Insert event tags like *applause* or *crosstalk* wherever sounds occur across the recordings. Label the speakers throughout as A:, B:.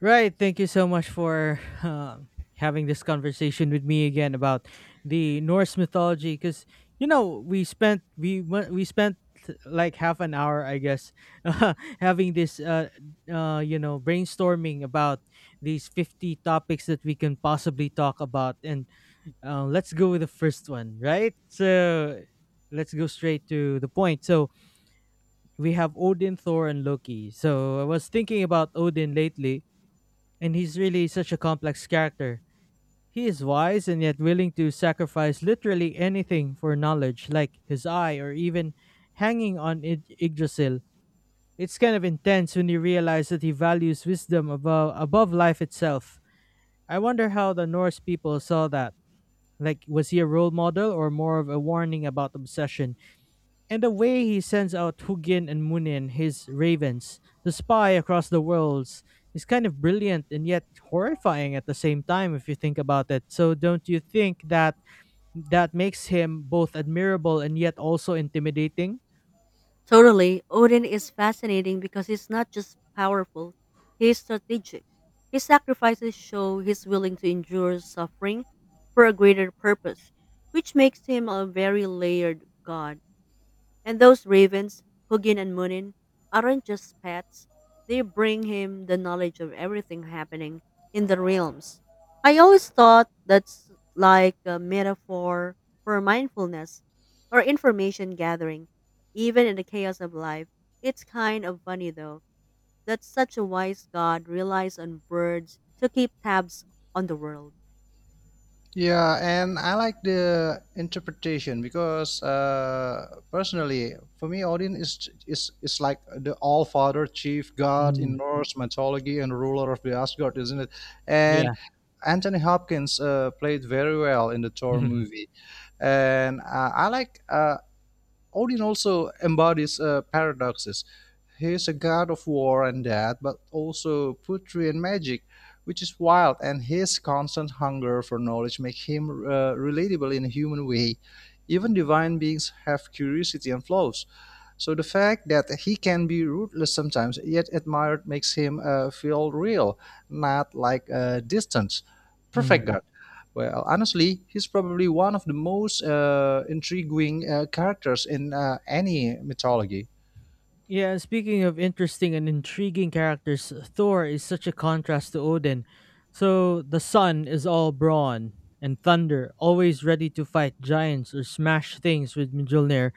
A: Right. Thank you so much for having this conversation with me again about the Norse mythology. Because we spent like half an hour, I guess, *laughs* uh, having this brainstorming about these 50 topics that we can possibly talk about. And let's go with the first one, right? So let's go straight to the point. So we have Odin, Thor, and Loki. So I was thinking about Odin lately, and he's really such a complex character. He is wise and yet willing to sacrifice literally anything for knowledge, like his eye or even hanging on Yggdrasil. It's kind of intense when you realize that he values wisdom above life itself. I wonder how the Norse people saw that. Like, was he a role model or more of a warning about obsession? And the way he sends out Hugin and Munin, his ravens, to spy across the worlds, is kind of brilliant and yet horrifying at the same time if you think about it. So don't you think that that makes him both admirable and yet also intimidating?
B: Totally. Odin is fascinating because he's not just powerful, he's strategic. His sacrifices show he's willing to endure suffering for a greater purpose, which makes him a very layered god. And those ravens, Hugin and Munin, aren't just pets. They bring him the knowledge of everything happening in the realms. I always thought that's like a metaphor for mindfulness or information gathering, even in the chaos of life. It's kind of funny though that such a wise god relies on birds to keep tabs on the world.
C: Yeah, and I like the interpretation because personally, for me, Odin is like the All Father, Chief God
A: Mm,
C: in Norse mythology, and ruler of the Asgard, isn't it? And
A: yeah.
C: Anthony Hopkins played very well in the Thor
A: *laughs*
C: movie, and I like. Odin also embodies paradoxes. He is a god of war and death, but also poetry and magic, which is wild, and his constant hunger for knowledge make him relatable in a human way. Even divine beings have curiosity and flaws. So the fact that he can be ruthless sometimes, yet admired, makes him feel real, not like distance.
A: Mhm.
C: Perfect guard. Well, honestly, he's probably one of the most intriguing characters in any mythology.
A: Yeah, and speaking of interesting and intriguing characters, Thor is such a contrast to Odin. So the sun is all brawn and thunder, always ready to fight giants or smash things with Mjolnir.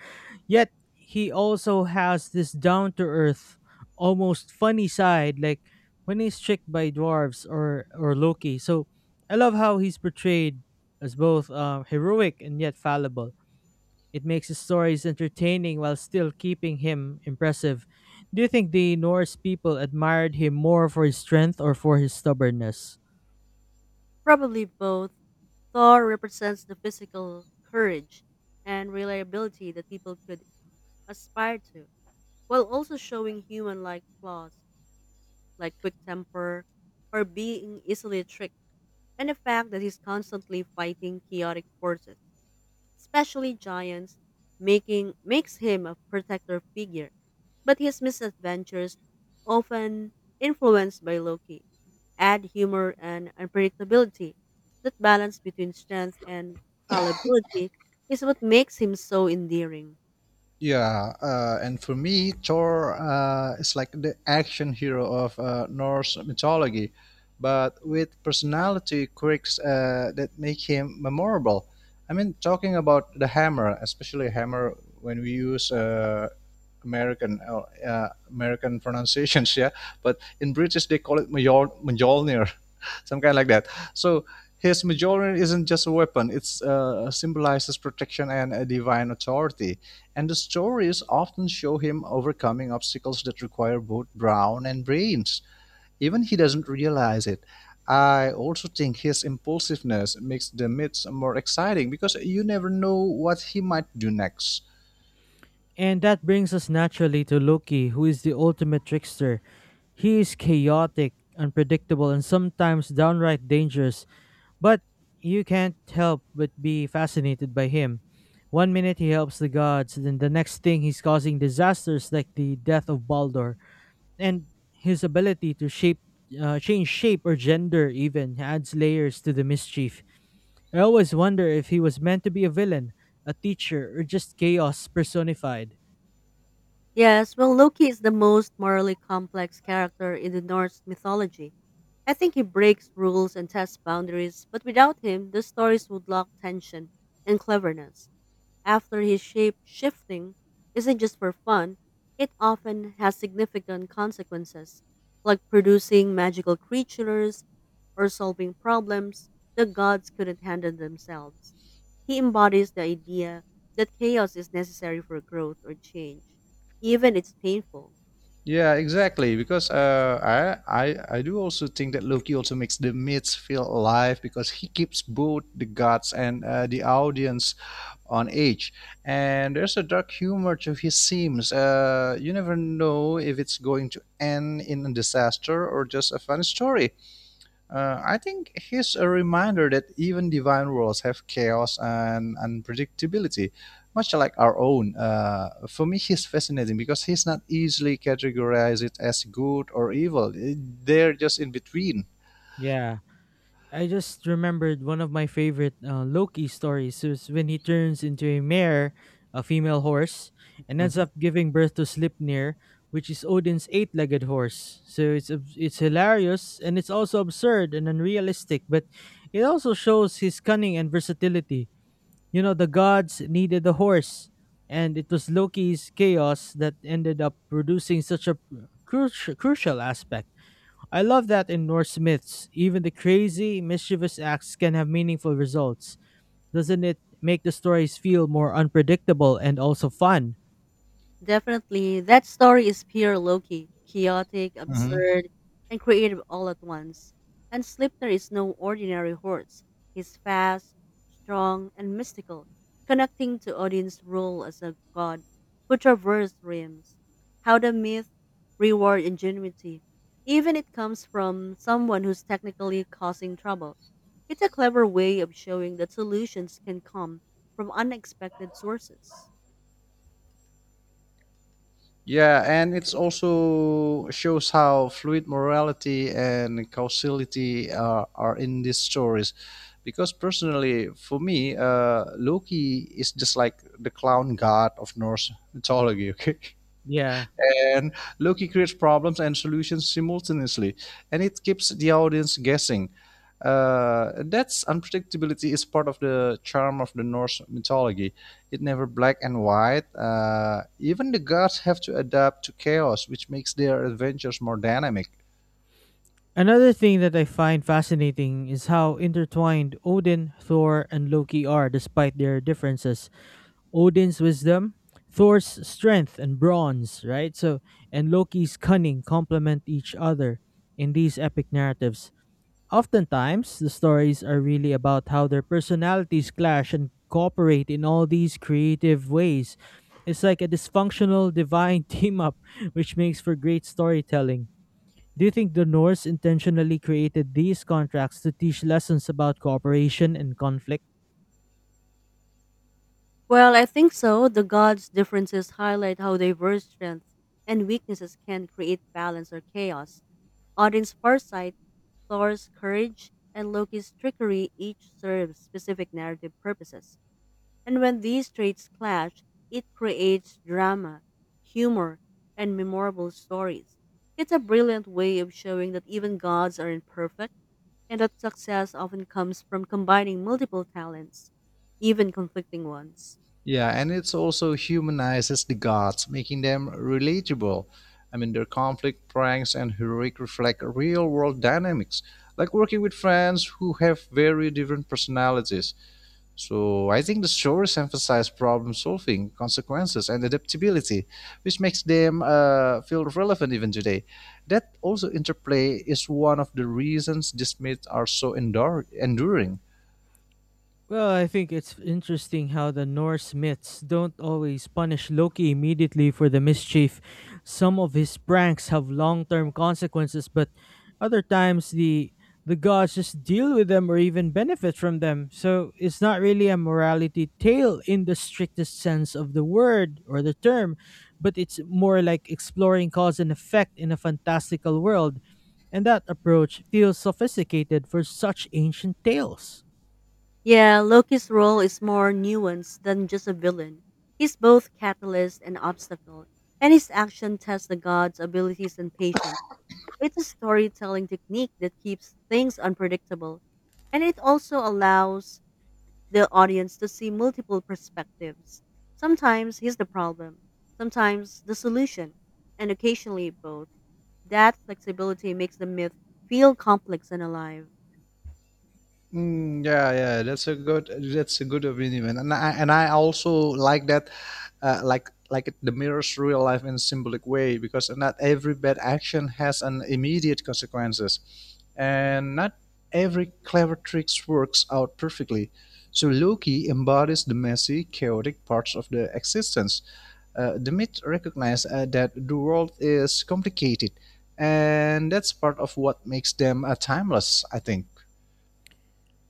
A: Yet he also has this down to earth, almost funny side, like when he's tricked by dwarves or Loki. So I love how he's portrayed as both heroic and yet fallible. It makes his stories entertaining while still keeping him impressive. Do you think the Norse people admired him more for his strength or for his stubbornness?
B: Probably both. Thor represents the physical courage and reliability that people could aspire to, while also showing human like flaws like quick temper or being easily tricked, and the fact that he's constantly fighting chaotic forces, especially giants, making makes him a protector figure. But his misadventures, often influenced by Loki, add humor and unpredictability. That balance between strength and fallibility is what makes him so endearing.
C: Yeah, and for me, Thor is like the action hero of Norse mythology, but with personality quirks that make him memorable. I mean, talking about the hammer, especially hammer when we use American uh, American *laughs* pronunciations, yeah. But in British, they call it Mjolnir, some kind like that. So his Majoran isn't just a weapon; it symbolizes protection and a divine authority. And the stories often show him overcoming obstacles that require both brawn and brains. Even he doesn't realize it. I also think his impulsiveness makes the myths more exciting because you never know what he might do next.
A: And that brings us naturally to Loki, who is the ultimate trickster. He is chaotic, unpredictable, and sometimes downright dangerous, but you can't help but be fascinated by him. One minute he helps the gods, then the next thing he's causing disasters like the death of Baldur. And his ability to shape change shape or gender even adds layers to the mischief. I always wonder if he was meant to be a villain, a teacher, or just chaos personified.
B: Yes, well, Loki is the most morally complex character in the Norse mythology. I think he breaks rules and tests boundaries, but without him, the stories would lack tension and cleverness after his shape shifting isn't just for fun, it often has significant consequences, like producing magical creatures or solving problems the gods couldn't handle themselves. He embodies the idea that chaos is necessary for growth or change, even if it's painful.
C: Yeah, exactly. Because I do also think that Loki also makes the myths feel alive because he keeps both the gods and the audience on edge. And there's a dark humor to his seams. You never know if it's going to end in a disaster or just a funny story. I think he's a reminder that even divine worlds have chaos and unpredictability, much like our own. For me, he's fascinating because he's not easily categorized as good or evil. They're just in between.
A: Yeah, I just remembered one of my favorite Loki stories is when he turns into a mare, a female horse, and ends
C: Mhm.
A: up giving birth to Slipnir, which is Odin's eight-legged horse. So it's it's hilarious, and it's also absurd and unrealistic, but it also shows his cunning and versatility. You know, the gods needed the horse, and it was Loki's chaos that ended up producing such a crucial aspect. I love that in Norse myths, even the crazy, mischievous acts can have meaningful results. Doesn't it make the stories feel more unpredictable and also fun?
B: Definitely, that story is pure Loki, chaotic,
C: Mhm.
B: absurd, and creative all at once. And Slipner is no ordinary horse. He's fast, strong, and mystical, connecting to Odin's role as a god who traversed realms. How the myth reward ingenuity, even it comes from someone who's technically causing trouble. It's a clever way of showing that solutions can come from unexpected sources.
C: Yeah, and it's also shows how fluid morality and causality are in these stories. Because personally, for me, Loki is just like the clown god of Norse mythology. Okay, *laughs*
A: Yeah.
C: and Loki creates problems and solutions simultaneously, and it keeps the audience guessing. That's unpredictability is part of the charm of the Norse mythology. It never black and white. Even the gods have to adapt to chaos, which makes their adventures more dynamic.
A: Another thing that I find fascinating is how intertwined Odin, Thor, and Loki are despite their differences. Odin's wisdom, Thor's strength and bronze, right? So, and Loki's cunning complement each other in these epic narratives. Oftentimes, the stories are really about how their personalities clash and cooperate in all these creative ways. It's like a dysfunctional divine *laughs* team up, which makes for great storytelling. Do you think the Norse intentionally created these contracts to teach lessons about cooperation and conflict?
B: Well, I think so. The gods' differences highlight how diverse strengths and weaknesses can create balance or chaos. Odin's foresight, Thor's courage, and Loki's trickery each serve specific narrative purposes. And when these traits clash, it creates drama, humor, and memorable stories. It's a brilliant way of showing that even gods are imperfect and that success often comes from combining multiple talents, even conflicting ones.
C: Yeah, and it's also humanizes the gods, making them relatable. I mean, their conflict, pranks, and heroic reflect real world dynamics, like working with friends who have very different personalities. So, I think the stories emphasize problem solving, consequences, and adaptability, which makes them feel relevant even today. That also interplay is one of the reasons these myths are so enduring.
A: Well, I think it's interesting how the Norse myths don't always punish Loki immediately for the mischief. Some of his pranks have long-term consequences, but other times the gods just deal with them or even benefit from them. So it's not really a morality tale in the strictest sense of the word or the term, but it's more like exploring cause and effect in a fantastical world. And that approach feels sophisticated for such ancient tales.
B: Yeah, Loki's role is more nuanced than just a villain. He's both catalyst and obstacle, and his action tests the god's abilities and patience. It's a storytelling technique that keeps things unpredictable, and it also allows the audience to see multiple perspectives. Sometimes he's the problem, sometimes the solution, and occasionally both. That flexibility makes the myth feel complex and alive.
C: Yeah, yeah, that's a good opinion, man. And I also like that, like it, the mirrors real life in a symbolic way because not every bad action has an immediate consequences, and not every clever tricks works out perfectly. So Loki embodies the messy, chaotic parts of the existence. The myth recognizes that the world is complicated, and that's part of what makes them timeless. I think.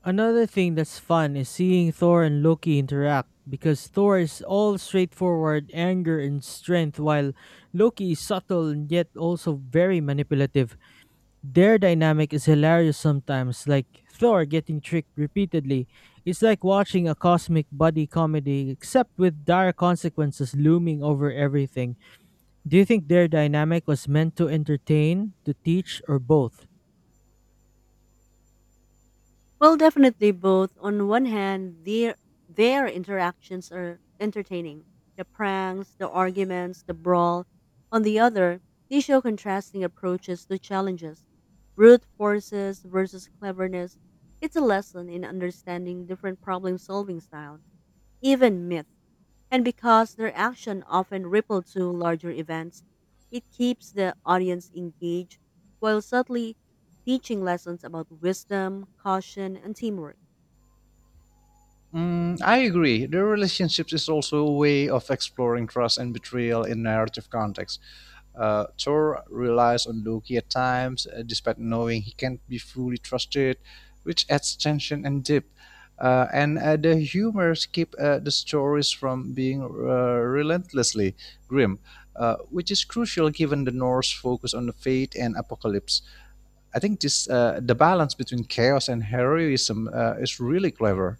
A: Another thing that's fun is seeing Thor and Loki interact because Thor is all straightforward anger and strength, while Loki is subtle and yet also very manipulative. Their dynamic is hilarious sometimes, like Thor getting tricked repeatedly. It's like watching a cosmic buddy comedy except with dire consequences looming over everything. Do you think their dynamic was meant to entertain, to teach, or both?
B: Well, definitely both. On one hand, their interactions are entertaining. The pranks, the arguments, the brawl. On the other, they show contrasting approaches to challenges. Brute forces versus cleverness. It's a lesson in understanding different problem solving styles. Even myth. And because their action often rippled to larger events, it keeps the audience engaged while subtly teaching lessons about wisdom, caution, and teamwork.
C: I agree. The relationships is also a way of exploring trust and betrayal in narrative context. Thor relies on Loki at times, despite knowing he can't be fully trusted, which adds tension and depth. And The humors keep the stories from being relentlessly grim, which is crucial given the Norse focus on the fate and apocalypse. I think this the balance between chaos and heroism is really clever.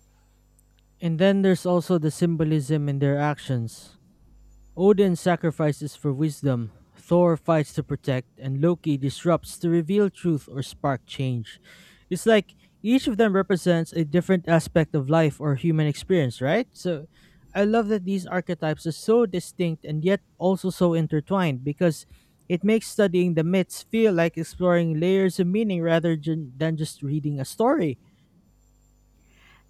A: And then there's also the symbolism in their actions. Odin sacrifices for wisdom, Thor fights to protect, and Loki disrupts to reveal truth or spark change. It's like each of them represents a different aspect of life or human experience, right? So I love that these archetypes are so distinct and yet also so intertwined, because it makes studying the myths feel like exploring layers of meaning rather than just reading a story.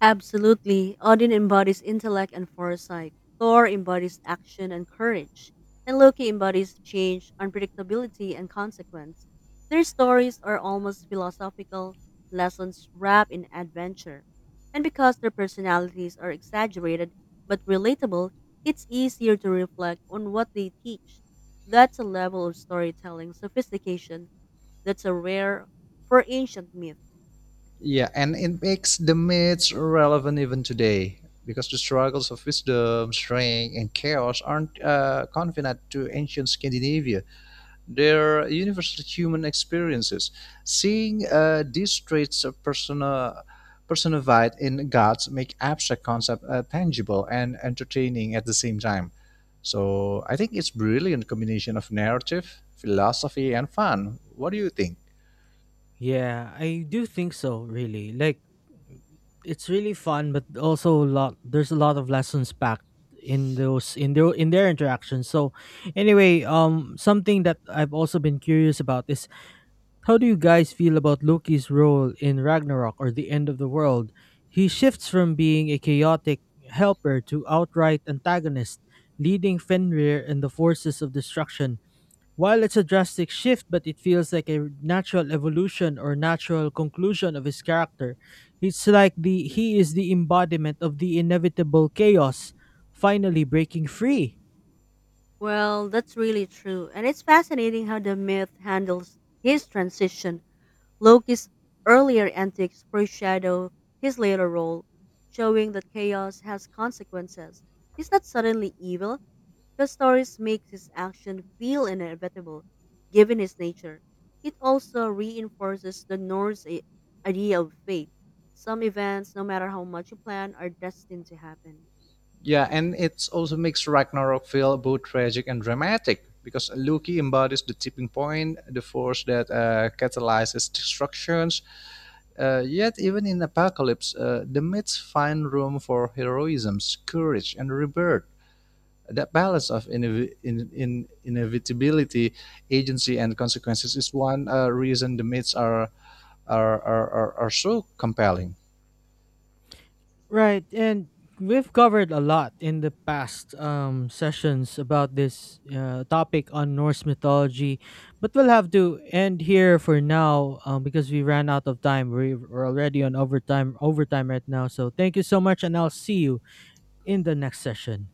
B: Absolutely. Odin embodies intellect and foresight. Thor embodies action and courage. And Loki embodies change, unpredictability, and consequence. Their stories are almost philosophical lessons wrapped in adventure. And because their personalities are exaggerated but relatable, it's easier to reflect on what they teach. That's a level of storytelling sophistication that's a rare for ancient myth.
C: Yeah, and it makes the myths relevant even today because the struggles of wisdom, strength, and chaos aren't confined to ancient Scandinavia. They're universal human experiences. Seeing these traits of personified in gods make abstract concepts tangible and entertaining at the same time. So I think it's brilliant combination of narrative, philosophy, and fun. What do you think?
A: Yeah, I do think so, really. Like, it's really fun, but also a lot there's a lot of lessons packed in those in their interactions. So anyway, something that I've also been curious about is how do you guys feel about Loki's role in Ragnarok or the end of the world? He shifts from being a chaotic helper to outright antagonist, leading Fenrir and the forces of destruction. While it's a drastic shift, but it feels like a natural evolution or natural conclusion of his character. It's like the he is the embodiment of the inevitable chaos, finally breaking free.
B: Well, that's really true. And it's fascinating how the myth handles his transition. Loki's earlier antics foreshadow his later role, showing that chaos has consequences. He's not suddenly evil. The stories make his action feel inevitable, given his nature. It also reinforces the Norse idea of fate. Some events, no matter how much you plan, are destined to happen.
C: Yeah, and it also makes Ragnarok feel both tragic and dramatic because Loki embodies the tipping point, the force that catalyzes destructions. Yet, even in Apocalypse, the myths find room for heroism, courage, and rebirth. That balance of inevitability, agency, and consequences is one reason the myths are so compelling.
A: Right, and we've covered a lot in the past sessions about this topic on Norse mythology, but we'll have to end here for now because we ran out of time. We're already on overtime right now. So thank you so much, and I'll see you in the next session.